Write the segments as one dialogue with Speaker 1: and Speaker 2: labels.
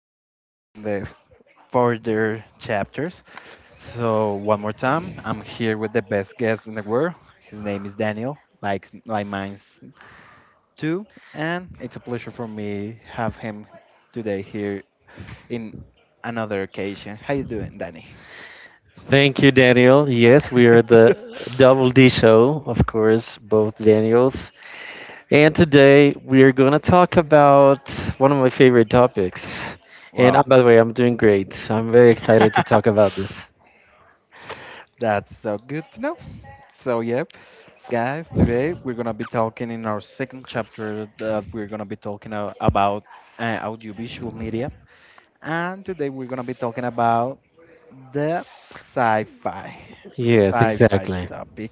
Speaker 1: the program in the further chapters. So one more time, I'm here with the best guest in the world. His name is Daniel, like mine's too, and it's a pleasure for me have him today here in another occasion. How you doing, Danny?
Speaker 2: Thank you, Daniel. Yes, we are the Double D Show, of course, both Daniels. And today we are going to talk about one of my favorite topics. And
Speaker 1: Wow,
Speaker 2: By the way, I'm doing great. I'm very excited to talk about this.
Speaker 1: that's so good to know. So, yep, guys, today we're going to be talking in our second chapter that we're going to be talking about audiovisual media. And today we're going to be talking about the sci fi, the
Speaker 2: Yes,
Speaker 1: sci fi
Speaker 2: exactly.
Speaker 1: topic.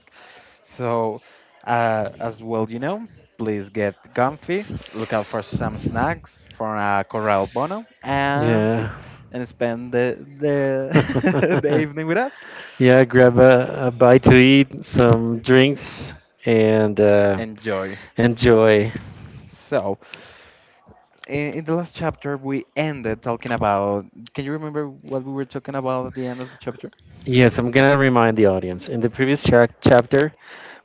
Speaker 1: So, as well, you know, please get comfy, look out for some snacks from Corral Bono,
Speaker 2: Yeah.
Speaker 1: and spend the evening with us.
Speaker 2: yeah, grab a bite to eat, some drinks, and
Speaker 1: Enjoy.
Speaker 2: enjoy.
Speaker 1: So, in the last chapter we ended talking about, can you remember what we were talking about at the end of the chapter?
Speaker 2: Yes, I'm going to remind the audience in the previous chapter.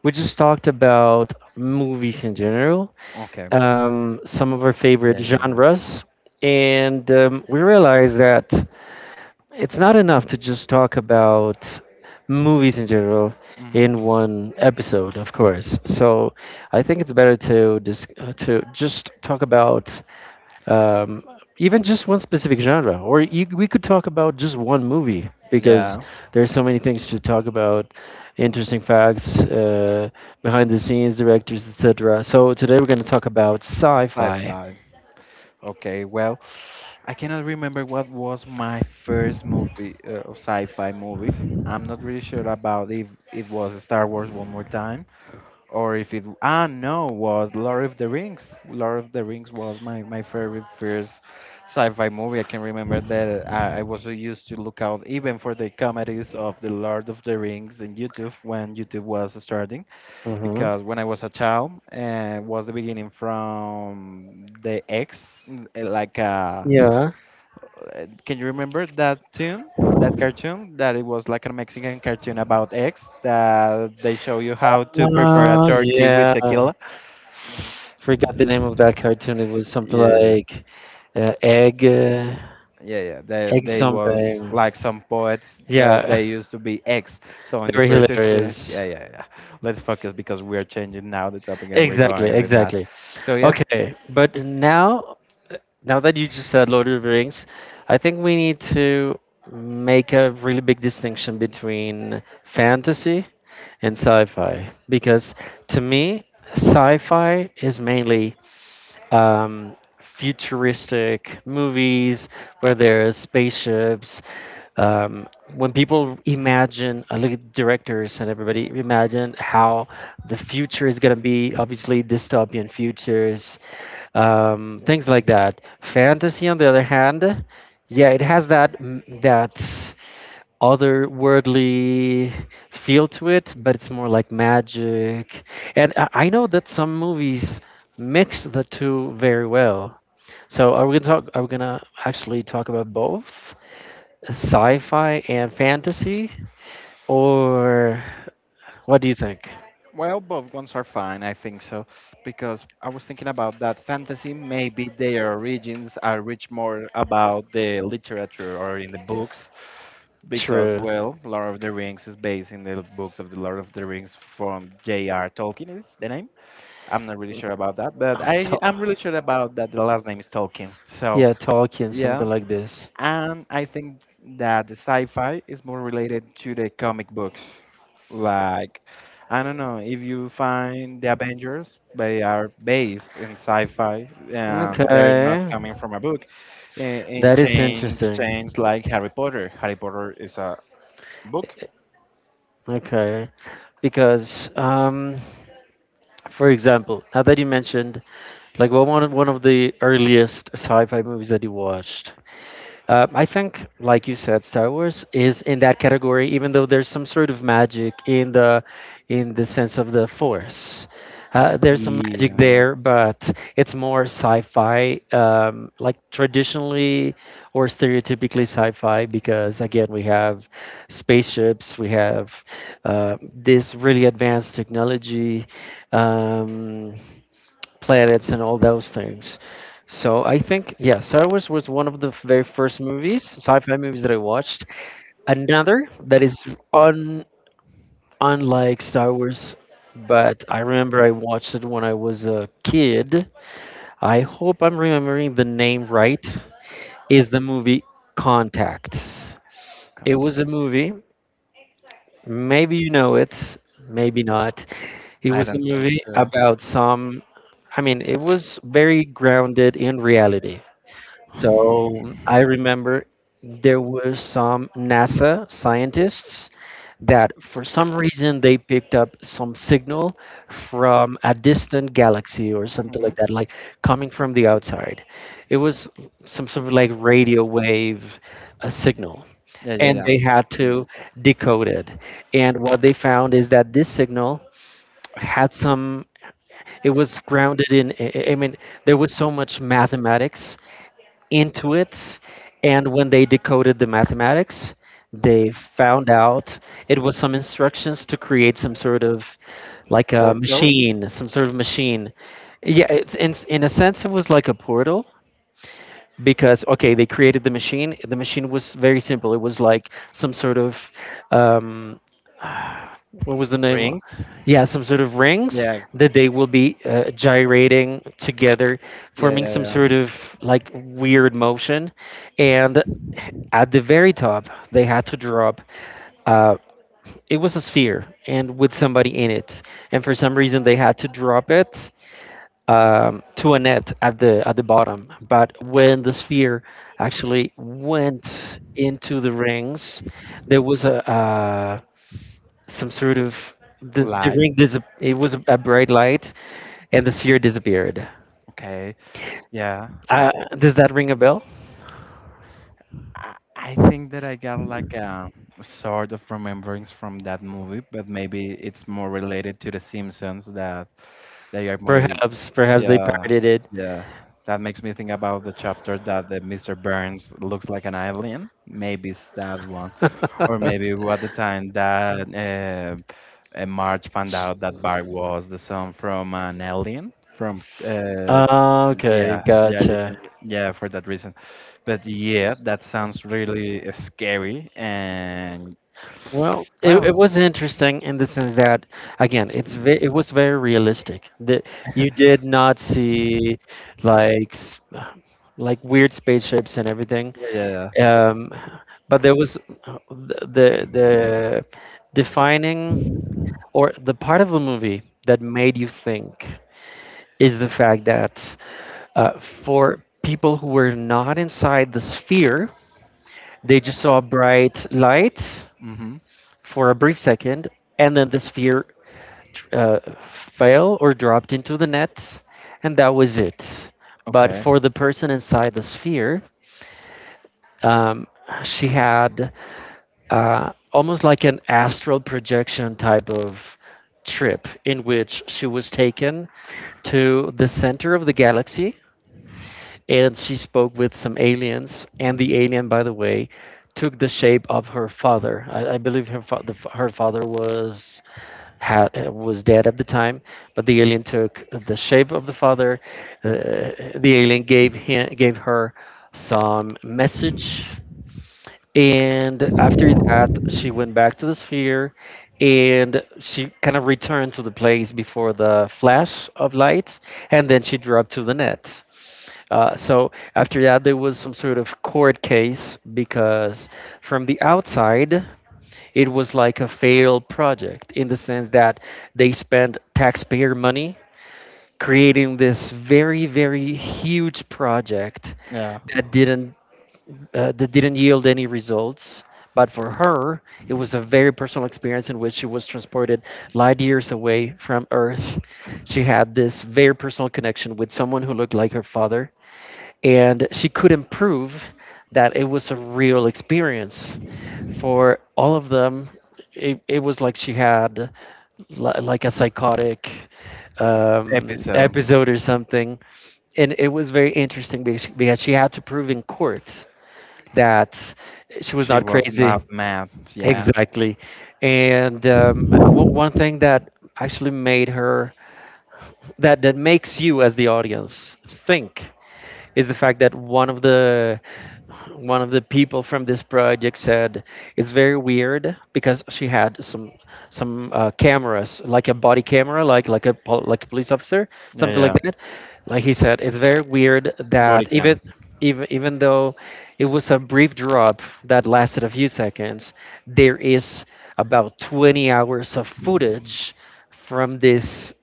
Speaker 2: We just talked about movies in general,
Speaker 1: Okay.
Speaker 2: some of our favorite
Speaker 1: Yeah, yeah, yeah.
Speaker 2: genres, and we realized that it's not enough to just talk about movies in general
Speaker 1: Hmm.
Speaker 2: in one episode, of course. So I think it's better to to just talk about um, even just one specific genre, or we could talk about just one movie because
Speaker 1: Yeah.
Speaker 2: there's so many things to talk about, interesting facts, behind the scenes, directors, etc. So today we're going to talk about
Speaker 1: Five
Speaker 2: sci-fi.
Speaker 1: five. Okay, well, I cannot remember what was my first movie, sci-fi movie. I'm not really sure about if it was Star Wars one more time, or if it, ah, no, was Lord of the Rings. Lord of the Rings was my favorite first sci-fi movie. I can remember that I was so used to look out even for the comedies of the Lord of the Rings in YouTube when YouTube was starting,
Speaker 2: hmm
Speaker 1: because when I was a child, was the beginning from the like a
Speaker 2: Yeah.
Speaker 1: can you remember that tune, that cartoon? That it was like a Mexican cartoon about eggs that they show you how to prepare a turkey with
Speaker 2: Yeah.
Speaker 1: tequila.
Speaker 2: Forgot the name of that cartoon. It was something
Speaker 1: Yeah,
Speaker 2: like uh, egg, uh,
Speaker 1: yeah, yeah. They
Speaker 2: egg
Speaker 1: they was
Speaker 2: something.
Speaker 1: like some poets, but
Speaker 2: Yeah,
Speaker 1: they used to be ex. So in
Speaker 2: they
Speaker 1: the
Speaker 2: were
Speaker 1: first scene,
Speaker 2: hilarious.
Speaker 1: yeah, yeah, yeah. Let's focus because we are changing now the topic and we're
Speaker 2: Exactly,
Speaker 1: going with that.
Speaker 2: exactly.
Speaker 1: So yeah,
Speaker 2: Okay, but now that you just said Lord of the Rings, I think we need to make a really big distinction between fantasy and sci-fi because to me, sci-fi is mainly futuristic movies where there's spaceships. Um, when people imagine, I look at directors and everybody imagine how the future is going to be, obviously, dystopian futures, things like that. Fantasy, on the other hand, yeah, it has that, that otherworldly feel to it, but it's more like magic. And I know that some movies mix the two very well. So are we gonna talk? Are we gonna actually talk about both sci-fi and fantasy, or what do you think?
Speaker 1: well, both ones are fine, I think so, because I was thinking about that fantasy. Maybe their origins are rich more about the literature or in the books, because,
Speaker 2: True.
Speaker 1: well, Lord of the Rings is based in the books of the Lord of the Rings from J.R. Tolkien, is the name? I'm not really sure about that, but
Speaker 2: To-
Speaker 1: I'm really sure about that the last name is Tolkien.
Speaker 2: yeah,
Speaker 1: So,
Speaker 2: Tolkien,
Speaker 1: yeah.
Speaker 2: something like this.
Speaker 1: And I think that the sci-fi is more related to the comic books. Like, I don't know, if you find the Avengers, they are based in sci-fi and they're not
Speaker 2: Okay,
Speaker 1: coming from a book. I- In
Speaker 2: that is
Speaker 1: change,
Speaker 2: interesting.
Speaker 1: change like Harry Potter. Harry Potter is a book.
Speaker 2: Okay, because for example, now that you mentioned, like what one of the earliest sci-fi movies that you watched. I think, like you said, Star Wars is in that category, even though there's some sort of magic in the sense of the Force. There's some magic
Speaker 1: Yeah,
Speaker 2: there, but it's more sci-fi, like traditionally or stereotypically sci-fi, because again, we have spaceships, we have this really advanced technology. Um, Planets and all those things. So I think yeah, Star Wars was one of the very first movies, sci-fi movies that I watched. Another that is un unlike Star Wars, but I remember I watched it when I was a kid. I hope I'm remembering the name right. Is the movie Contact? It
Speaker 1: can't,
Speaker 2: was a movie. Maybe you know it, maybe not. It
Speaker 1: I
Speaker 2: was a
Speaker 1: don't think
Speaker 2: movie
Speaker 1: so.
Speaker 2: about some. I mean, it was very grounded in reality. So I remember there were some NASA scientists that for some reason they picked up some signal from a distant galaxy or something
Speaker 1: Hmm.
Speaker 2: like that, like coming from the outside. It was some sort of like radio wave a signal,
Speaker 1: Yeah, yeah,
Speaker 2: and
Speaker 1: yeah.
Speaker 2: they had
Speaker 1: Signal.
Speaker 2: to decode it. And what they found is that this signal had some, it was grounded in, I mean, there was so much mathematics into it. And when they decoded the mathematics, they found out it was some instructions to create some sort of like a
Speaker 1: Portal,
Speaker 2: machine, some sort of machine. Yeah, it's in a sense, it was like a portal because okay they created the machine, the machine was very simple, it was like some sort of um, what was the name,
Speaker 1: rings.
Speaker 2: yeah, some sort of rings
Speaker 1: Yeah,
Speaker 2: that they will be gyrating together
Speaker 1: yeah,
Speaker 2: forming
Speaker 1: yeah,
Speaker 2: some
Speaker 1: yeah.
Speaker 2: sort of like weird motion, and at the very top they had to drop uh, it was a sphere and with somebody in it, and for some reason they had to drop it to a net at the bottom. But when the sphere actually went into the rings, there was a some sort of the
Speaker 1: Light.
Speaker 2: it was a bright light and the sphere disappeared.
Speaker 1: Okay, yeah.
Speaker 2: Uh, does that ring a bell?
Speaker 1: I think that I got like a sort of remembrance from that movie, but maybe it's more related to The Simpsons that they are more.
Speaker 2: Perhaps, perhaps they
Speaker 1: Yeah,
Speaker 2: parodied it.
Speaker 1: yeah. That makes me think about the chapter that the Mr. Burns looks like an alien. Maybe it's that one, or maybe at the time that Marge found out that Bart was the son from an alien from
Speaker 2: Okay,
Speaker 1: yeah, yeah, you
Speaker 2: gotcha.
Speaker 1: can. Yeah, for that reason. But yeah, that sounds really scary. And
Speaker 2: Well, it
Speaker 1: wow.
Speaker 2: was interesting in the sense that, again, it was very realistic. That you did not see like s- like weird spaceships and everything,
Speaker 1: Yeah, yeah, yeah.
Speaker 2: um, but there was the defining or the part of the movie that made you think is the fact that for people who were not inside the sphere, they just saw bright light
Speaker 1: Mm-hmm.
Speaker 2: for a brief second, and then the sphere uh, fell or dropped into the net, and that was it. But
Speaker 1: Okay.
Speaker 2: for the person inside the sphere, um, she had almost like an astral projection type of trip in which she was taken to the center of the galaxy, and she spoke with some aliens, and the alien, by the way, took the shape of her father. I believe her fa- the, f- her father was, had was dead at the time, but the alien took the shape of the father. Uh, the alien gave her some message, and after that, she went back to the sphere, and she kind of returned to the place before the flash of light, and then she dropped to the net. So after that, there was some sort of court case because from the outside, it was like a failed project in the sense that they spent taxpayer money creating this very, very huge project
Speaker 1: Yeah.
Speaker 2: that didn't that didn't yield any results. But for her, it was a very personal experience in which she was transported light years away from Earth. She had this very personal connection with someone who looked like her father, and she couldn't prove that it was a real experience. For all of them, it was like she had like a psychotic
Speaker 1: Episode.
Speaker 2: episode or something. And it was very interesting because she had to prove in court that she was
Speaker 1: She
Speaker 2: not
Speaker 1: was
Speaker 2: crazy.
Speaker 1: not mad. Yeah.
Speaker 2: Exactly. And one thing that actually that makes you as the audience think is the fact that one of the people from this project said it's very weird because she had some cameras like a body camera, like like a police officer,
Speaker 1: Yeah,
Speaker 2: something like
Speaker 1: yeah.
Speaker 2: that. Like he said, it's very weird
Speaker 1: Body
Speaker 2: that
Speaker 1: cam.
Speaker 2: even though it was a brief drop that lasted a few seconds, there is about 20 hours of footage from this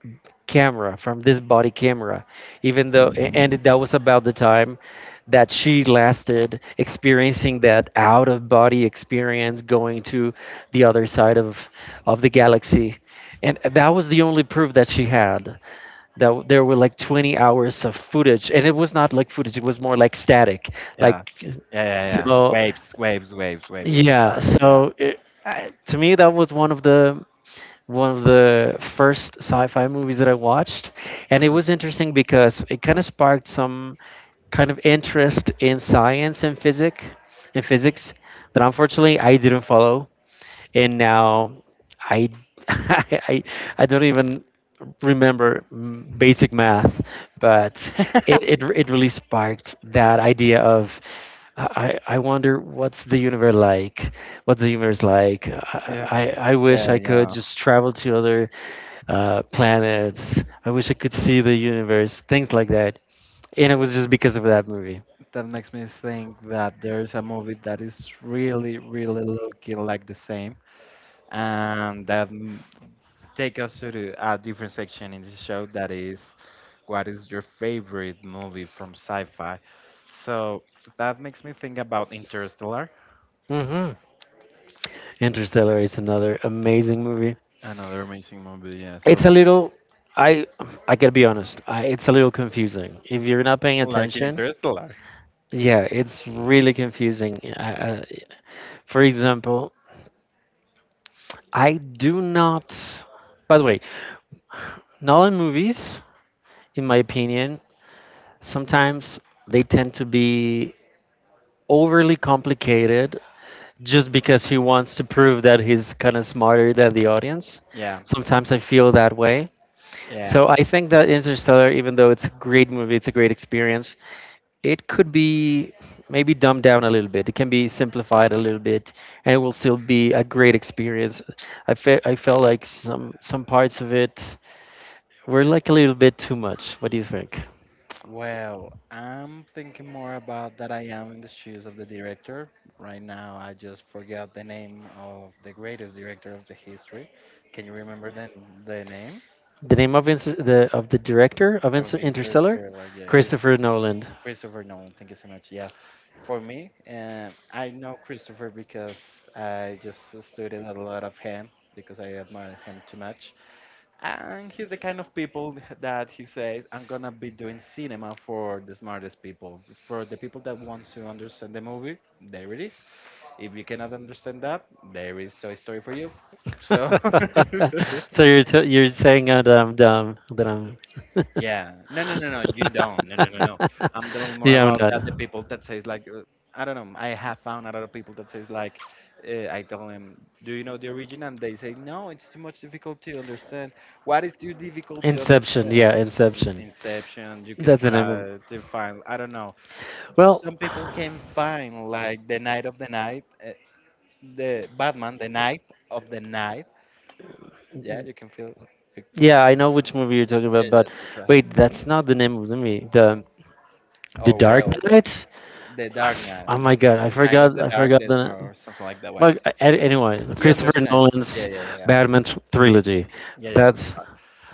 Speaker 2: camera, from this body camera, even though, and that was about the time that she lasted experiencing that out of body experience going to the other side of the galaxy. And that was the only proof that she had, that there were like 20 hours of footage, and it was not like footage, it was more like static, like
Speaker 1: Yeah. Yeah, yeah, yeah.
Speaker 2: so
Speaker 1: Waves, waves, waves, waves of
Speaker 2: yeah,
Speaker 1: static. Yeah.
Speaker 2: so I, to me that was one of the first sci-fi movies that I watched, and it was interesting because it kind of sparked some kind of interest in science and physics, in physics that unfortunately I didn't follow, and now. I, I, I don't even remember basic math, but it really sparked that idea of I, I wonder, what's the universe like? What's the universe like?
Speaker 1: Yeah.
Speaker 2: I wish
Speaker 1: Yeah,
Speaker 2: I could
Speaker 1: yeah.
Speaker 2: just travel to other planets. I wish I could see the universe, things like that. And it was just because of that movie.
Speaker 1: That makes me think that there's a movie that is really, really looking like the same, and that take us to the, a different section in this show that is what is your favorite movie from sci-fi. So that makes me think about Interstellar,
Speaker 2: hmm Interstellar is another amazing movie.
Speaker 1: another amazing movie. Yeah, so
Speaker 2: It's a little. I I gotta be honest. It's a little confusing. If you're not paying
Speaker 1: like
Speaker 2: attention,
Speaker 1: Interstellar.
Speaker 2: yeah, it's really confusing. For example, I do not. By the way, Nolan movies, in my opinion, sometimes they tend to be overly complicated just because he wants to prove that he's kind of smarter than the audience.
Speaker 1: Yeah,
Speaker 2: Sometimes I feel that way.
Speaker 1: yeah.
Speaker 2: So I think that Interstellar, even though it's a great movie, it's a great experience, it could be maybe dumbed down a little bit. It can be simplified a little bit, and it will still be a great experience. I felt like some parts of it were like a little bit too much. What do you think?
Speaker 1: Well, I'm thinking more about that I am in the shoes of the director. Right now, I just forgot the name of the greatest director of the history. Can you remember the name
Speaker 2: The name of Inter- the of the director of
Speaker 1: of
Speaker 2: Interstellar.
Speaker 1: Interstellar? Yeah, it's
Speaker 2: Christopher Nolan.
Speaker 1: Christopher Nolan. Thank you so much. Yeah, for me, I know Christopher because I just studied a lot of him because I admire him too much. And he's the kind of people that he says, I'm gonna be doing cinema for the smartest people. For the people that want to understand the movie, there it is. If you cannot understand that, there is Toy Story for you. So
Speaker 2: so you're saying that I'm dumb, that I'm.
Speaker 1: yeah. No, no, no, no. You don't. No, no, no, no. I'm telling more
Speaker 2: Yeah, I'm
Speaker 1: about
Speaker 2: not.
Speaker 1: that. The people that says like, I don't know. I have found a lot of people that says like, I tell them, do you know the origin? And they say, no, it's too much difficult to understand. What is too difficult to
Speaker 2: Inception,
Speaker 1: understand?
Speaker 2: yeah, Inception.
Speaker 1: Inception. You can
Speaker 2: That's the name of.
Speaker 1: try to find. I don't know.
Speaker 2: Well,
Speaker 1: Some people can find like the night of the night, the Batman, the night of the night. Yeah, you can feel. You,
Speaker 2: yeah, I know which movie you're talking
Speaker 1: yeah,
Speaker 2: about,
Speaker 1: yeah,
Speaker 2: but
Speaker 1: that's right.
Speaker 2: wait, that's not the name of the movie. The
Speaker 1: Oh
Speaker 2: Dark
Speaker 1: well.
Speaker 2: Knight.
Speaker 1: The Dark Knight,
Speaker 2: Oh my God, I
Speaker 1: night of
Speaker 2: forgot.
Speaker 1: the
Speaker 2: I
Speaker 1: Dark
Speaker 2: forgot
Speaker 1: Death
Speaker 2: the.
Speaker 1: or something like that way.
Speaker 2: Well, anyway,
Speaker 1: You
Speaker 2: Christopher
Speaker 1: understand? Yeah,
Speaker 2: Nolan's
Speaker 1: yeah, yeah, yeah, yeah.
Speaker 2: Batman trilogy.
Speaker 1: Yeah, that's
Speaker 2: That's
Speaker 1: right.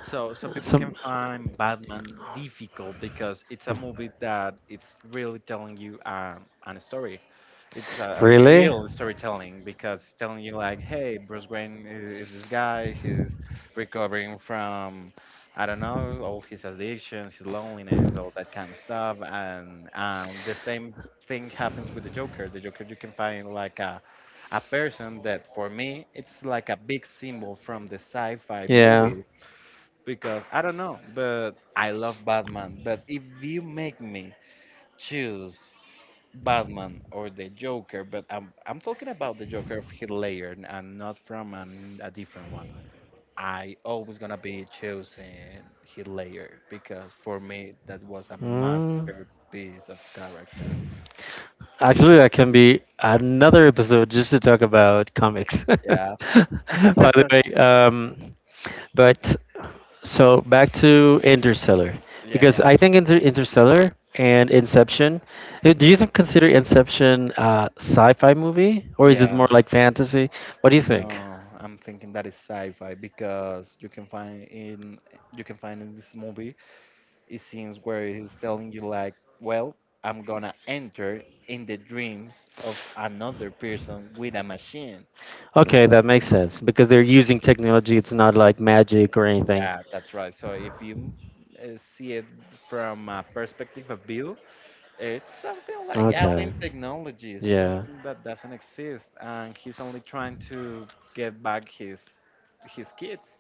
Speaker 1: So some people
Speaker 2: some.
Speaker 1: can find Batman difficult because it's a movie that it's really telling you an story. It's a
Speaker 2: Really?
Speaker 1: real storytelling because it's telling you like, hey, Bruce Wayne is this guy. He's recovering from, I don't know, all his addictions, his loneliness, all that kind of stuff. And the same thing happens with the Joker. The Joker you can find like a person that for me it's like a big symbol from the sci-fi
Speaker 2: Yeah.
Speaker 1: movies because I don't know, but I love Batman. But if you make me choose Batman or the Joker, but I'm talking about the Joker of Heath Ledger and not from an, a different one. I always gonna be choosing Heath Ledger because for me that was a
Speaker 2: Mm.
Speaker 1: masterpiece of character.
Speaker 2: Actually, that can be another episode just to talk about comics. By
Speaker 1: Yeah,
Speaker 2: the way, but so back to Interstellar,
Speaker 1: yeah,
Speaker 2: because
Speaker 1: yeah,
Speaker 2: I think Interstellar and Inception, do you think consider Inception sci-fi movie or is it more
Speaker 1: yeah.
Speaker 2: like fantasy? What do you think?
Speaker 1: No, I'm thinking that is sci-fi because you can find in this movie It scenes where he's telling you like, well, I'm gonna enter in the dreams of another person with a machine. So
Speaker 2: Okay, that makes sense because they're
Speaker 1: s-
Speaker 2: using technology. It's not like magic or anything.
Speaker 1: yeah, that's right. So if you see it from a perspective of view, it's something like
Speaker 2: Okay.
Speaker 1: alien technology,
Speaker 2: Yeah.
Speaker 1: something that doesn't exist, and he's only trying to get back his kids.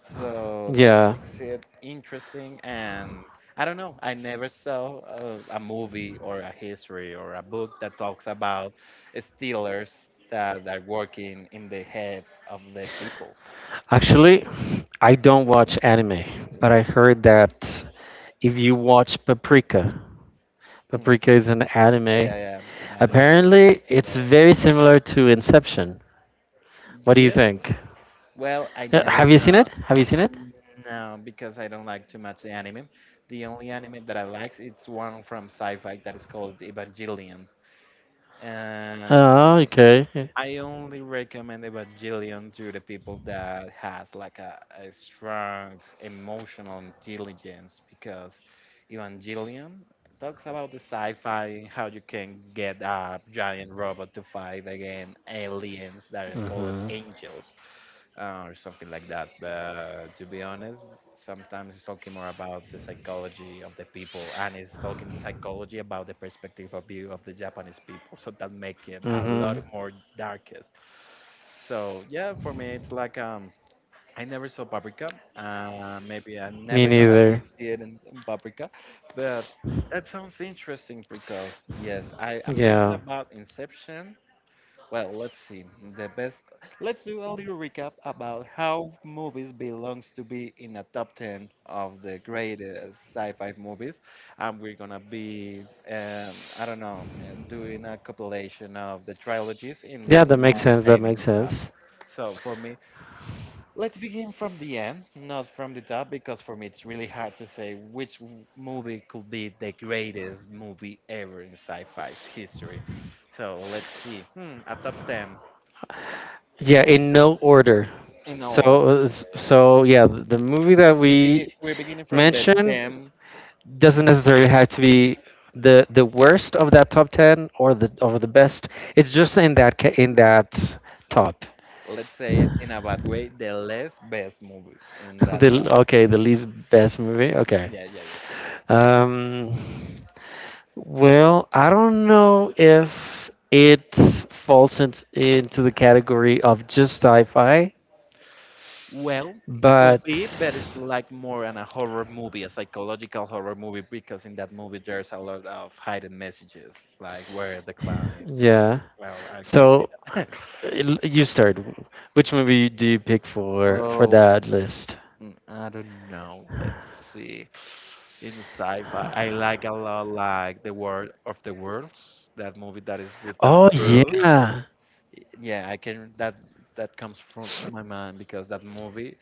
Speaker 1: So that
Speaker 2: Yeah.
Speaker 1: makes it interesting. And I don't know, I never saw a movie or a history or a book that talks about stealers that are working in the head of the people.
Speaker 2: Actually, I don't watch anime, but I heard that if you watch Paprika,
Speaker 1: Hmm.
Speaker 2: Paprika is an
Speaker 1: Yeah,
Speaker 2: anime.
Speaker 1: yeah, yeah. I heard
Speaker 2: Apparently,
Speaker 1: about
Speaker 2: it's very
Speaker 1: it.
Speaker 2: similar to Inception. What do you
Speaker 1: Yeah,
Speaker 2: think?
Speaker 1: well, I
Speaker 2: Yeah,
Speaker 1: never
Speaker 2: have you seen it?
Speaker 1: know.
Speaker 2: Have you seen it?
Speaker 1: No, because I don't like too much the anime. The only anime that I like, it's one from sci-fi that is called Evangelion. Uh,
Speaker 2: Oh, okay.
Speaker 1: I only recommend Evangelion to the people that has like a strong emotional intelligence because Evangelion talks about the sci-fi and how you can get a giant robot to fight against aliens that are
Speaker 2: Are
Speaker 1: called
Speaker 2: hmm
Speaker 1: angels, or something like that. But to be honest, sometimes it's talking more about the psychology of the people, and it's talking psychology about the perspective of view of the Japanese people. So that make it a
Speaker 2: hmm
Speaker 1: lot more darkest. So yeah, for me, it's like. I never saw Paprika. Maybe I'm
Speaker 2: Me because
Speaker 1: never gonna be
Speaker 2: neither.
Speaker 1: see it in Paprika, but that sounds interesting because yes, I, I'm thinking
Speaker 2: Yeah.
Speaker 1: about Inception, well, let's see. The best. Let's do a little recap about how movies belongs to be in a top 10 of the greatest sci-fi movies, and we're gonna be, I don't know, doing a compilation of the trilogies in
Speaker 2: Yeah, that makes
Speaker 1: one
Speaker 2: sense. That
Speaker 1: same
Speaker 2: makes
Speaker 1: stop.
Speaker 2: sense.
Speaker 1: So for me, let's begin from the end, not from the top, because for me it's really hard to say which movie could be the greatest movie ever in sci-fi's history. So let's see. Hmm, a top 10
Speaker 2: Yeah, in no order.
Speaker 1: in
Speaker 2: So,
Speaker 1: order.
Speaker 2: uh, s-
Speaker 1: Yeah.
Speaker 2: so yeah, the movie that we
Speaker 1: We're beginning from the
Speaker 2: mentioned
Speaker 1: 10,
Speaker 2: doesn't necessarily have to be the worst of that top 10 or the of the best, it's just in that in that top.
Speaker 1: let's say it in a bad way, the less best movie in that type.
Speaker 2: The okay, the least best movie, okay.
Speaker 1: Yeah, yeah, yeah.
Speaker 2: Um, well, I don't know if it falls into the category of just sci-fi,
Speaker 1: Well, it could
Speaker 2: but
Speaker 1: be, but it's like more an a horror movie, a psychological horror movie, because in that movie there's a lot of hidden messages, like where the clown is.
Speaker 2: yeah,
Speaker 1: Well, I cannot say
Speaker 2: so
Speaker 1: that.
Speaker 2: uh, you start. Which movie do you pick for
Speaker 1: Oh.
Speaker 2: that list?
Speaker 1: Mm, I don't know. Let's see. In sci-fi, I like a lot like The World of the Worlds, that movie that is with Tom
Speaker 2: Oh
Speaker 1: Cruise.
Speaker 2: yeah.
Speaker 1: Yeah, I can that that comes from to my mind because that movie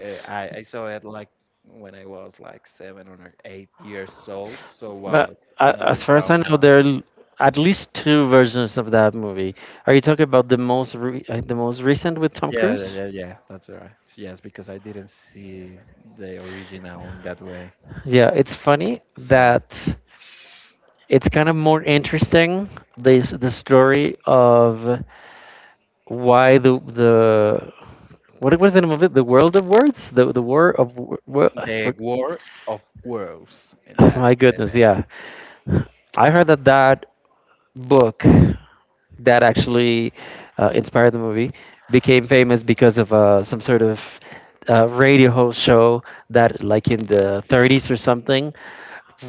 Speaker 1: I saw it like when I was like 7 or 8 years old, so was
Speaker 2: But
Speaker 1: another
Speaker 2: as far as I know,
Speaker 1: trauma.
Speaker 2: there are at least two versions of that movie. Are you talking about the most re the most recent with Tom
Speaker 1: Yeah, yeah,
Speaker 2: Cruise?
Speaker 1: yeah, yeah, that's right. Yes, because I didn't see the original in that way.
Speaker 2: Yeah, it's funny
Speaker 1: So
Speaker 2: that it's kind of more interesting this the story of why the what was the name of it? The World of Words, the War of I
Speaker 1: The
Speaker 2: for.
Speaker 1: War of Worlds, and that is
Speaker 2: My
Speaker 1: the name.
Speaker 2: goodness, yeah. I heard that that book that actually inspired the movie became famous because of some sort of radio host show that, like in the 30s or something,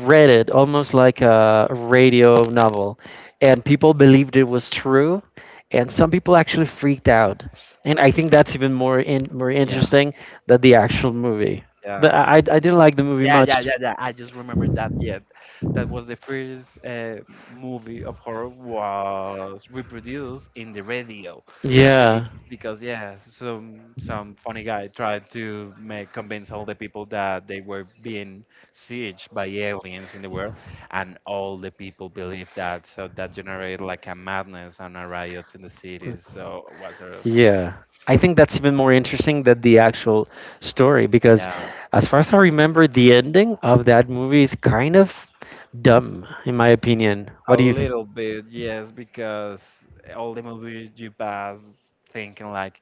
Speaker 2: read it almost like a radio novel. And people believed it was true, and some people actually freaked out. And I think that's even more more
Speaker 1: Yeah,
Speaker 2: interesting than the actual movie.
Speaker 1: yeah.
Speaker 2: But I didn't like the movie
Speaker 1: Yeah,
Speaker 2: much.
Speaker 1: yeah, yeah, yeah, I just remembered that. Yeah, that was the first movie of horror was reproduced in the radio, Be-
Speaker 2: Yeah.
Speaker 1: because yeah, some funny guy tried to make convince all the people that they were being sieged by aliens in the world, and all the people believed that. So that generated like a madness and a riots in the cities. So it was a
Speaker 2: Yeah, I think that's even more interesting than the actual story because,
Speaker 1: yeah.
Speaker 2: as far as I remember, the ending of that movie is kind of dumb, in my opinion. What
Speaker 1: A
Speaker 2: do you? Th-
Speaker 1: little bit, yes, because all the movies you pass thinking like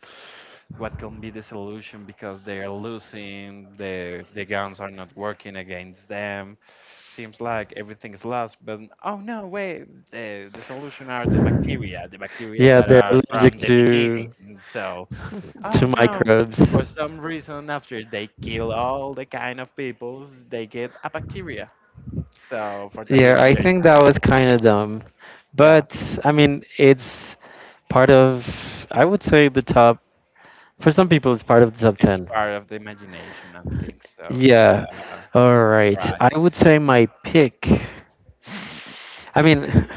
Speaker 1: what can be the solution because they are losing, the guns are not working against them. Seems like everything is lost, but oh no, wait, the solution are the bacteria, the bacteria, yeah,
Speaker 2: yeah,
Speaker 1: that, yeah,
Speaker 2: they're
Speaker 1: are
Speaker 2: allergic
Speaker 1: from the
Speaker 2: to.
Speaker 1: beginning. So, oh
Speaker 2: Two
Speaker 1: no,
Speaker 2: microbes.
Speaker 1: for some reason after they kill all the kind of peoples, they get a bacteria. So for that, yeah,
Speaker 2: Yeah,
Speaker 1: reason
Speaker 2: I
Speaker 1: they're
Speaker 2: think that was kind of dumb.
Speaker 1: yeah.
Speaker 2: But I mean, it's part of, I would say, the top. For some people, it's part of the top
Speaker 1: It's
Speaker 2: 10.
Speaker 1: part of the imagination, I think so. Yeah.
Speaker 2: Yeah. All right.
Speaker 1: Right.
Speaker 2: I would say my pick. I mean,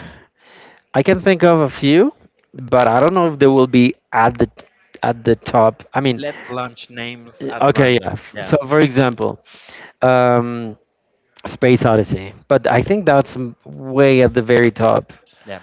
Speaker 2: I can think of a few, but I don't know if they will be at the top. I mean,
Speaker 1: Let's launch names at
Speaker 2: okay, yeah.
Speaker 1: random. Yeah.
Speaker 2: So, for example, um, Space Odyssey, but I think that's way at the very top.
Speaker 1: Yeah.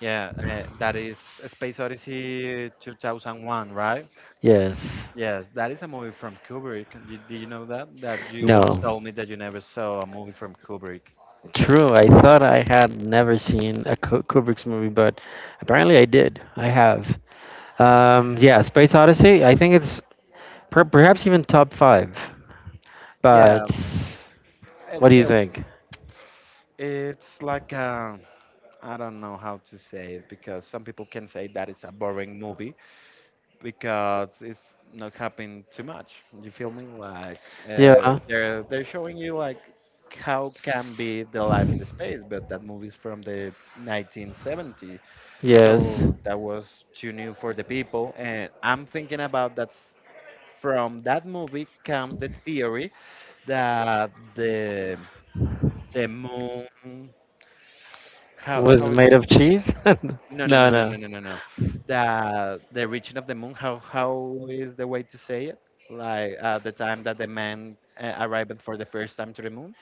Speaker 1: Yeah. That is Space Odyssey 2001, right?
Speaker 2: Yes.
Speaker 1: Yes, that is a movie from Kubrick. And you- did you know that? That you once
Speaker 2: No.
Speaker 1: told me that you never saw a movie from Kubrick.
Speaker 2: True. I thought I had never seen a Kubrick's movie, but apparently I did. I have. Yeah, Space Odyssey. I think it's perhaps even top five.
Speaker 1: Yeah.
Speaker 2: But
Speaker 1: it-
Speaker 2: what do you
Speaker 1: it-
Speaker 2: think?
Speaker 1: it's like, I don't know how to say it because some people can say that it's a boring movie, because it's not happening too much. You feel me? Like
Speaker 2: Yeah.
Speaker 1: they're showing you like how can be the life in the space, but that movie's from the 1970,
Speaker 2: Yes.
Speaker 1: so that was too new for the people. And I'm thinking about that's from that movie comes the theory that the moon, how
Speaker 2: Was
Speaker 1: is
Speaker 2: made of cheese?
Speaker 1: No, no, no,
Speaker 2: No,
Speaker 1: no,
Speaker 2: no.
Speaker 1: no, no, no, no. The reaching of the moon. How is the way to say it? Like the time that the man arrived for the first time to the moon.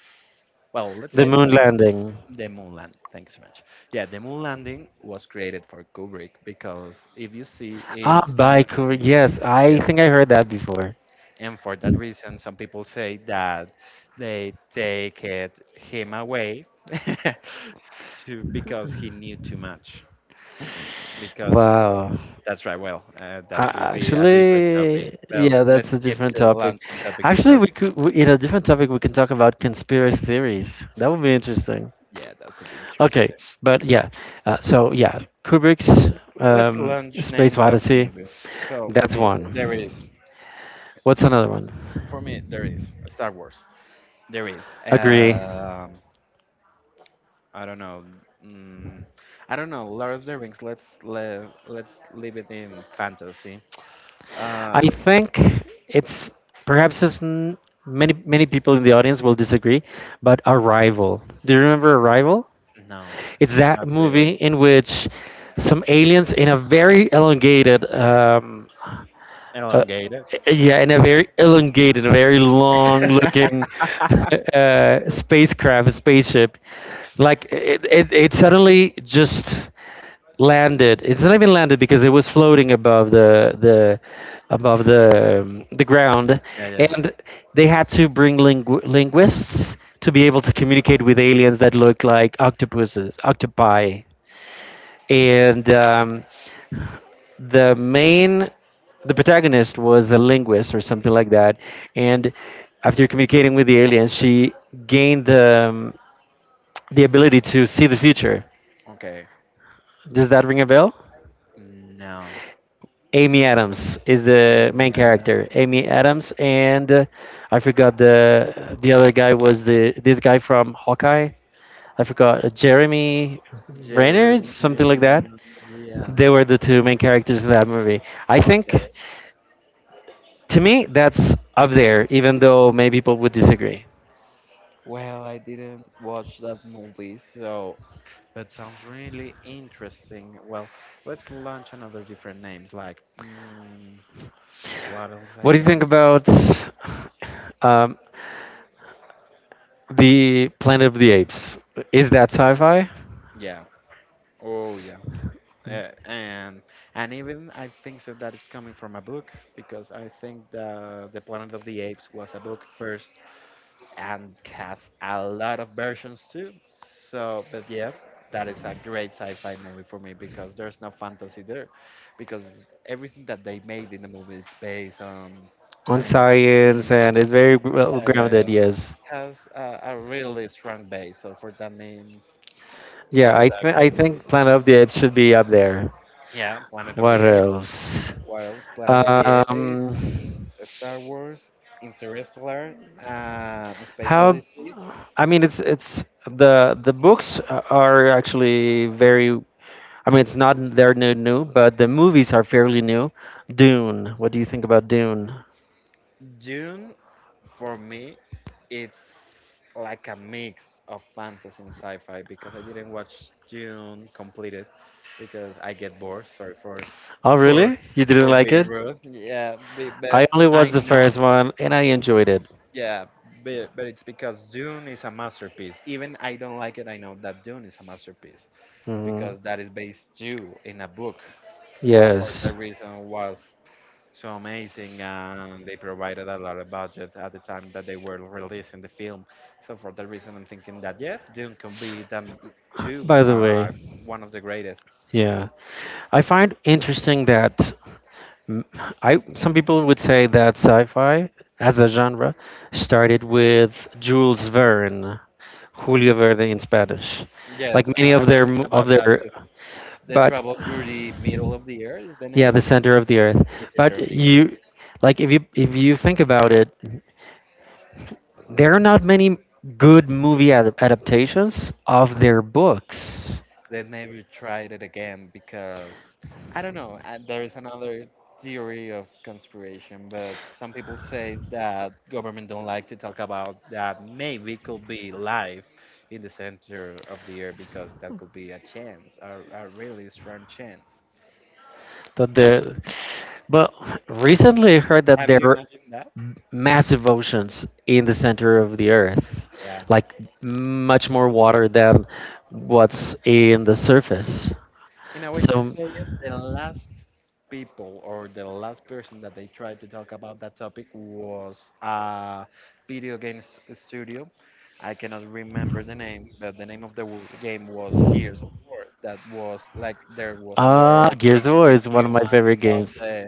Speaker 1: Well, let's
Speaker 2: The
Speaker 1: say
Speaker 2: moon landing.
Speaker 1: the moon landing. Thank you so much. Yeah, the moon landing was created for Kubrick because if you see
Speaker 2: Ah,
Speaker 1: in some
Speaker 2: Baiku.
Speaker 1: scene-
Speaker 2: Yes, I
Speaker 1: yes,
Speaker 2: think I heard that before.
Speaker 1: and for that reason, some people say that they take it him away to because he knew too much because
Speaker 2: Wow.
Speaker 1: That's right. Well, that will
Speaker 2: I,
Speaker 1: be a different topic.
Speaker 2: actually,
Speaker 1: Well,
Speaker 2: yeah, that's
Speaker 1: let's
Speaker 2: a
Speaker 1: skip
Speaker 2: different
Speaker 1: the
Speaker 2: topic.
Speaker 1: launching topics
Speaker 2: Actually,
Speaker 1: because,
Speaker 2: we could, we, in a different topic, we can talk about conspiracy theories. That would be interesting.
Speaker 1: yeah, that could be
Speaker 2: Okay,
Speaker 1: interesting.
Speaker 2: but yeah, so yeah, Kubrick's
Speaker 1: Let's
Speaker 2: um,
Speaker 1: launch
Speaker 2: Space
Speaker 1: names of
Speaker 2: Odyssey.
Speaker 1: movies. So for
Speaker 2: That's
Speaker 1: me, there is.
Speaker 2: one. What's another one?
Speaker 1: For me, there is Star Wars. There is.
Speaker 2: Agree.
Speaker 1: I don't know. Mm, I don't know. Lord of the Rings. Let's live. Let's leave it in fantasy. Uh,
Speaker 2: I think it's perhaps it's many people in the audience will disagree, but Arrival. Do you remember Arrival?
Speaker 1: no,
Speaker 2: It's that
Speaker 1: not
Speaker 2: movie
Speaker 1: really.
Speaker 2: in which some aliens in a very elongated uh,
Speaker 1: Elongated.
Speaker 2: yeah, in a very elongated, a very long-looking spacecraft, a spaceship. Like it suddenly just landed. It's not even landed because it was floating above the the ground,
Speaker 1: Yeah, yeah.
Speaker 2: and they had to bring linguists
Speaker 1: Yeah.
Speaker 2: to be
Speaker 1: Mhm.
Speaker 2: able to communicate with aliens that look like octopuses, octopi, and. The main the protagonist was a linguist or something like that, and after communicating with the aliens she gained the ability to see the future.
Speaker 1: Okay.
Speaker 2: Does that ring a bell?
Speaker 1: No.
Speaker 2: Amy Adams is the main character, Amy Adams, and I forgot the other guy was the this guy from Hawkeye. I forgot, Jeremy Renner, something like
Speaker 1: Jeremy.
Speaker 2: that.
Speaker 1: Yeah.
Speaker 2: They were the two main characters in that movie, I think.
Speaker 1: Okay.
Speaker 2: To me, that's up there, even though many people would disagree.
Speaker 1: Well, I didn't watch that movie, so that sounds really interesting. Well, let's launch another different names like what else
Speaker 2: What do you
Speaker 1: again?
Speaker 2: think about um, the Planet of the Apes? Is that sci-fi?
Speaker 1: Yeah. Oh yeah. And even I think so that it's coming from a book because I think the Planet of the Apes was a book first and has a lot of versions too. So, but yeah, that is a great sci-fi movie for me because there's no fantasy there, because everything that they made in the movie it's based on
Speaker 2: On
Speaker 1: science. Yeah,
Speaker 2: science, and it's very well
Speaker 1: yeah, yeah.
Speaker 2: grounded. Yes.
Speaker 1: Has a really strong base. So for that means that
Speaker 2: Yeah,
Speaker 1: is
Speaker 2: I
Speaker 1: a great
Speaker 2: I
Speaker 1: movie.
Speaker 2: think Planet of the Apes should be up there.
Speaker 1: Yeah, Planet of the
Speaker 2: What
Speaker 1: Apes.
Speaker 2: else?
Speaker 1: What else? Planet of the Apes,
Speaker 2: Um,
Speaker 1: Star Wars, Interstellar, Space
Speaker 2: how?
Speaker 1: Odyssey.
Speaker 2: I mean, it's the books are actually very, I mean, it's not they're new, new, but the movies are fairly new. Dune. What do you think about Dune?
Speaker 1: Dune, for me, it's like a mix of fantasy and sci-fi because I didn't watch Dune completed because I get bored. Sorry for
Speaker 2: Oh,
Speaker 1: for
Speaker 2: really? You didn't
Speaker 1: for
Speaker 2: like
Speaker 1: being
Speaker 2: it?
Speaker 1: rude. Yeah, but
Speaker 2: I only
Speaker 1: I
Speaker 2: watched the
Speaker 1: know.
Speaker 2: first one, and I enjoyed it.
Speaker 1: Yeah, but it's because Dune is a masterpiece. Even I don't like it. I know that Dune is a masterpiece because
Speaker 2: Mhm.
Speaker 1: that is based due in a book. So for that
Speaker 2: Yes.
Speaker 1: reason, was so amazing and they provided a lot of budget at the time that they were releasing the film, so for that reason I'm thinking that yeah Dune can be them too,
Speaker 2: By the way,
Speaker 1: one of the greatest.
Speaker 2: yeah, I find interesting that mm, I some people would say that sci-fi as a genre started with Jules Verne, Julio Verne in Spanish, like
Speaker 1: Yes, I,
Speaker 2: many
Speaker 1: I
Speaker 2: of
Speaker 1: was
Speaker 2: their
Speaker 1: thinking
Speaker 2: of
Speaker 1: about that too.
Speaker 2: their,
Speaker 1: The
Speaker 2: but
Speaker 1: travel through the middle of the earth is the
Speaker 2: yeah,
Speaker 1: name.
Speaker 2: the center of the earth.
Speaker 1: The center of
Speaker 2: But
Speaker 1: the earth.
Speaker 2: you like if you think about it, there are not many good movie ad adaptations of their books.
Speaker 1: They never tried it again because I don't know. There is another theory of conspiration, but some people say that government don't like to talk about that. Maybe could be life in the center of the earth because that could be a chance, a really strong chance.
Speaker 2: That the but recently I heard that
Speaker 1: Have
Speaker 2: there
Speaker 1: you
Speaker 2: are
Speaker 1: imagined that?
Speaker 2: massive oceans in the center of the earth.
Speaker 1: Yeah.
Speaker 2: Like much more water than what's in the surface.
Speaker 1: In a way to
Speaker 2: So
Speaker 1: say the last people or the last person that they tried to talk about that topic was a video game studio. I cannot remember the name, but the name of the game was Gears of War. That was like there was a
Speaker 2: ah,
Speaker 1: war
Speaker 2: Gears of
Speaker 1: from the
Speaker 2: War is one of my
Speaker 1: humans
Speaker 2: favorite
Speaker 1: of
Speaker 2: games.
Speaker 1: the.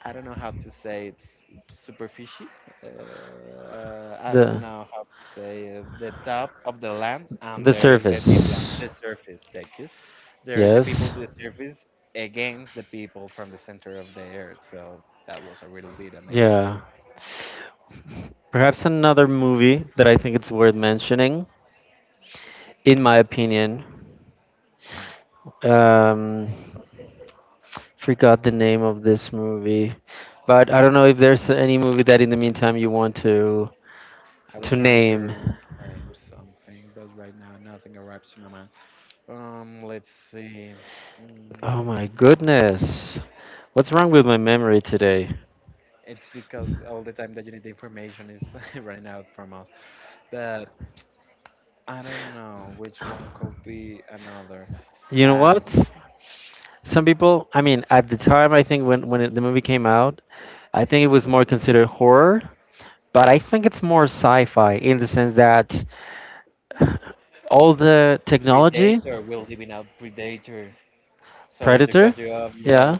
Speaker 1: I don't know how to say it's superficie. I don't
Speaker 2: The
Speaker 1: know how to say the top of the land, and
Speaker 2: The
Speaker 1: there is the deep land, the
Speaker 2: Surface.
Speaker 1: surface. Thank you, there's the people
Speaker 2: Yes.
Speaker 1: to the surface against the people from the center of the earth. So that was a little bit amazing.
Speaker 2: Yeah. Perhaps another movie that I think it's worth mentioning, in my opinion. Um, forgot the name of this movie, but I don't know if there's any movie that in the meantime you want
Speaker 1: I was
Speaker 2: to
Speaker 1: trying
Speaker 2: name.
Speaker 1: to name something, but right now nothing arrives to my mind. Let's see.
Speaker 2: Oh my
Speaker 1: Mm,
Speaker 2: goodness. What's wrong with my memory today?
Speaker 1: it's because all the time that you need the information is running out from us. But I don't know which one could be another.
Speaker 2: You know
Speaker 1: Um,
Speaker 2: what? Some people, I mean, at the time, I think when the movie came out, I think it was more considered horror, but I think it's more sci-fi in the sense that all the technology,
Speaker 1: Predator. We're living out Predator. Sorry to cut
Speaker 2: Predator,
Speaker 1: you off. Yes.
Speaker 2: yeah,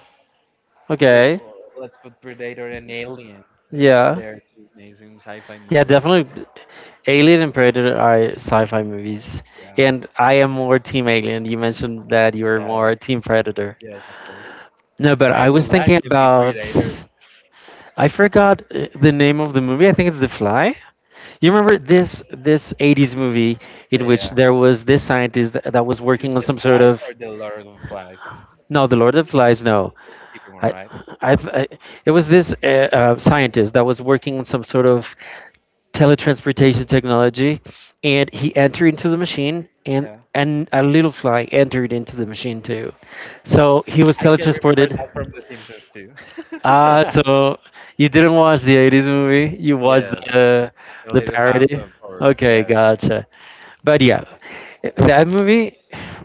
Speaker 1: Well,
Speaker 2: okay,
Speaker 1: well, let's put Predator and Alien.
Speaker 2: yeah,
Speaker 1: They're two amazing sci-fi, yeah,
Speaker 2: yeah,
Speaker 1: movies.
Speaker 2: definitely. Alien and Predator are sci-fi movies,
Speaker 1: Yeah,
Speaker 2: and I am more Team Alien. You mentioned that you were
Speaker 1: yeah,
Speaker 2: more Team Predator.
Speaker 1: yes, of course.
Speaker 2: No, but
Speaker 1: I
Speaker 2: I
Speaker 1: would
Speaker 2: was
Speaker 1: like
Speaker 2: thinking
Speaker 1: to be
Speaker 2: about.
Speaker 1: Predator.
Speaker 2: I forgot the name of the movie. I think it's The Fly. You remember this 80s movie in which
Speaker 1: Yeah.
Speaker 2: there was this scientist that was
Speaker 1: Is the
Speaker 2: working on some
Speaker 1: Fly
Speaker 2: sort
Speaker 1: or
Speaker 2: of
Speaker 1: the Lord of the Flies?
Speaker 2: no, The Lord of the Flies. No,
Speaker 1: It's a different one,
Speaker 2: I,
Speaker 1: right?
Speaker 2: I it was this scientist that was working on some sort of teletransportation technology, and he entered into the machine, and
Speaker 1: Yeah.
Speaker 2: a little fly entered into the machine too. So he was
Speaker 1: I can remember that from
Speaker 2: teletransported.
Speaker 1: The Simpsons too.
Speaker 2: Ah, so you didn't watch the 80s movie, you watched
Speaker 1: Yes,
Speaker 2: the
Speaker 1: the Little House
Speaker 2: parody.
Speaker 1: of Horror.
Speaker 2: Okay,
Speaker 1: Yes.
Speaker 2: gotcha. But yeah, that movie,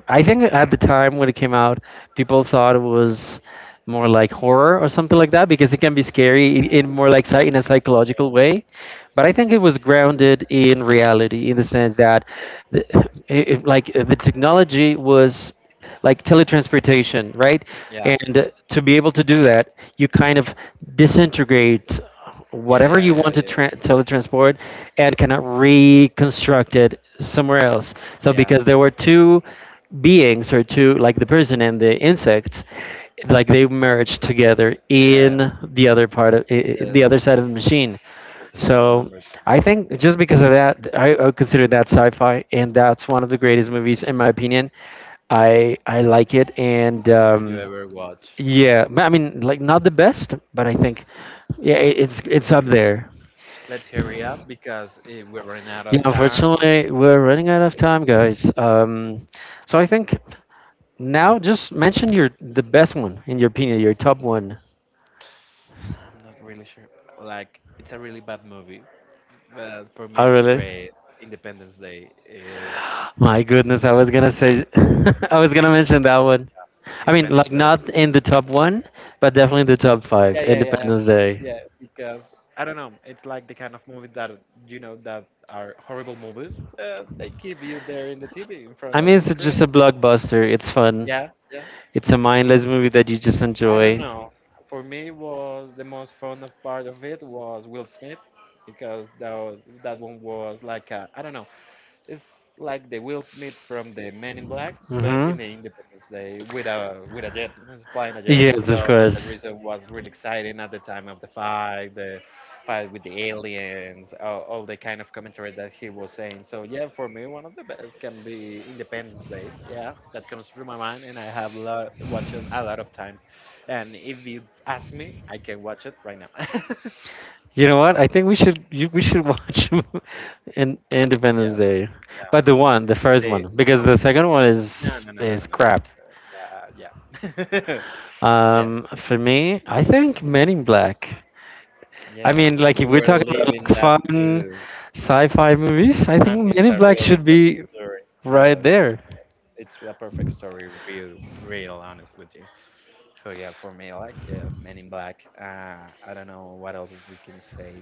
Speaker 2: I think at the time when it came out, people thought it was more like horror or something like that because it can be scary in more like in a psychological
Speaker 1: Uh,
Speaker 2: way. But I think it was grounded in reality in the sense that the, like the technology was like teletransportation, right?
Speaker 1: yeah,
Speaker 2: And to be able to do that, you kind of disintegrate
Speaker 1: yeah, yeah,
Speaker 2: whatever you
Speaker 1: yeah,
Speaker 2: want to
Speaker 1: yeah,
Speaker 2: teletransport and kind of reconstruct it somewhere else. So
Speaker 1: yeah,
Speaker 2: because there were two beings or two, like the person and the insect, like they merged together
Speaker 1: yeah.
Speaker 2: in the other part of the
Speaker 1: Yes,
Speaker 2: other side of the machine.
Speaker 1: yes, I can
Speaker 2: So
Speaker 1: remember
Speaker 2: I
Speaker 1: that.
Speaker 2: think just because of that, I consider that sci-fi, and that's one of the greatest movies in my opinion. I like it, and
Speaker 1: And that you ever watch.
Speaker 2: yeah, but I mean, like not the best, but I think yeah, it's up there.
Speaker 1: Let's hurry up because we're running out of
Speaker 2: Yeah,
Speaker 1: time.
Speaker 2: unfortunately, we're running out of time, guys. So I think now just mention your the best one in your opinion, your top one.
Speaker 1: I'm not really sure. Like, it's a really bad movie, but for me,
Speaker 2: Oh,
Speaker 1: it's
Speaker 2: really?
Speaker 1: great. Independence Day. It's
Speaker 2: My goodness, I was gonna say, I was gonna mention that one. I mean,
Speaker 1: Independence
Speaker 2: like
Speaker 1: Day.
Speaker 2: not in the top one, but definitely in the top
Speaker 1: Yeah,
Speaker 2: five.
Speaker 1: yeah, yeah, yeah.
Speaker 2: Independence Day.
Speaker 1: Yeah. Because I don't know, it's like the kind of movie that you know that are horrible movies. They keep you there in the TV in front
Speaker 2: I
Speaker 1: of the
Speaker 2: mean, it's
Speaker 1: screen.
Speaker 2: just a blockbuster. It's fun.
Speaker 1: Yeah, yeah.
Speaker 2: It's a mindless movie that you just
Speaker 1: I don't
Speaker 2: enjoy.
Speaker 1: know. For me, was the most fun of part of it was Will Smith because that was, that one was like I don't know. It's like the Will Smith from the Men in Black, but in the
Speaker 2: Mm-hmm.
Speaker 1: Independence Day with a jet, flying a jet.
Speaker 2: Yes, of
Speaker 1: So for that
Speaker 2: course.
Speaker 1: reason, it was really exciting at the time of the fight with the aliens, all the kind of commentary that he was saying. So yeah, for me, one of the best can be Independence Day. Yeah, that comes through my mind, and I have watched it a lot of times. And if you ask me, I can watch it right now.
Speaker 2: You know what? I think we should you, we should watch in
Speaker 1: Yeah,
Speaker 2: Independence Day, but the one, the first
Speaker 1: they
Speaker 2: one, because
Speaker 1: no.
Speaker 2: the second one
Speaker 1: No, no, no, no, no,
Speaker 2: is
Speaker 1: no, no.
Speaker 2: crap.
Speaker 1: Yeah, yeah,
Speaker 2: For me, I think Men in Black. I
Speaker 1: yeah.
Speaker 2: mean,
Speaker 1: We
Speaker 2: like if
Speaker 1: were
Speaker 2: we're talking about
Speaker 1: living
Speaker 2: like
Speaker 1: that
Speaker 2: fun
Speaker 1: too,
Speaker 2: sci-fi movies, I
Speaker 1: and
Speaker 2: think
Speaker 1: it's
Speaker 2: Men
Speaker 1: a
Speaker 2: in Black
Speaker 1: really
Speaker 2: should
Speaker 1: good
Speaker 2: be
Speaker 1: story.
Speaker 2: right
Speaker 1: Yes,
Speaker 2: there.
Speaker 1: it's a perfect story. Real, real honest with you. So yeah, for me, like yeah, Men in Black. I don't know what else we can say.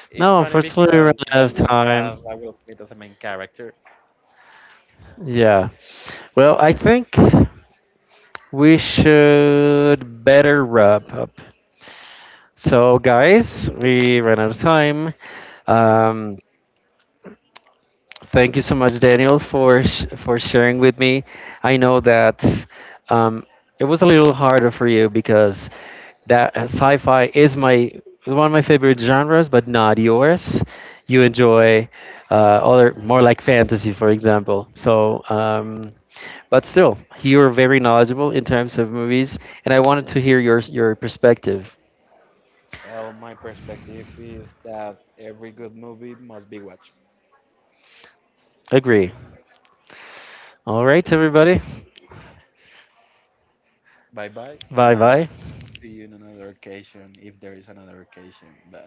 Speaker 1: It's
Speaker 2: No,
Speaker 1: funny
Speaker 2: unfortunately, we
Speaker 1: because
Speaker 2: ran
Speaker 1: both
Speaker 2: out of
Speaker 1: ones have
Speaker 2: time.
Speaker 1: I Will Smith as a main character.
Speaker 2: Yeah. Well, I think we should better wrap up. So, guys, we ran out of time. Um, Thank you so much, Daniel, for for sharing with me. I know that um, it was a little harder for you because that sci-fi is my one of my favorite genres, but not yours. You enjoy uh, other more like fantasy, for example. So, but still, you are very knowledgeable in terms of movies, and I wanted to hear your perspective.
Speaker 1: Well, my perspective is that every good movie must be watched.
Speaker 2: Agree. All right, everybody.
Speaker 1: Bye bye.
Speaker 2: Bye
Speaker 1: Uh,
Speaker 2: bye.
Speaker 1: See you in another occasion if there is another occasion. But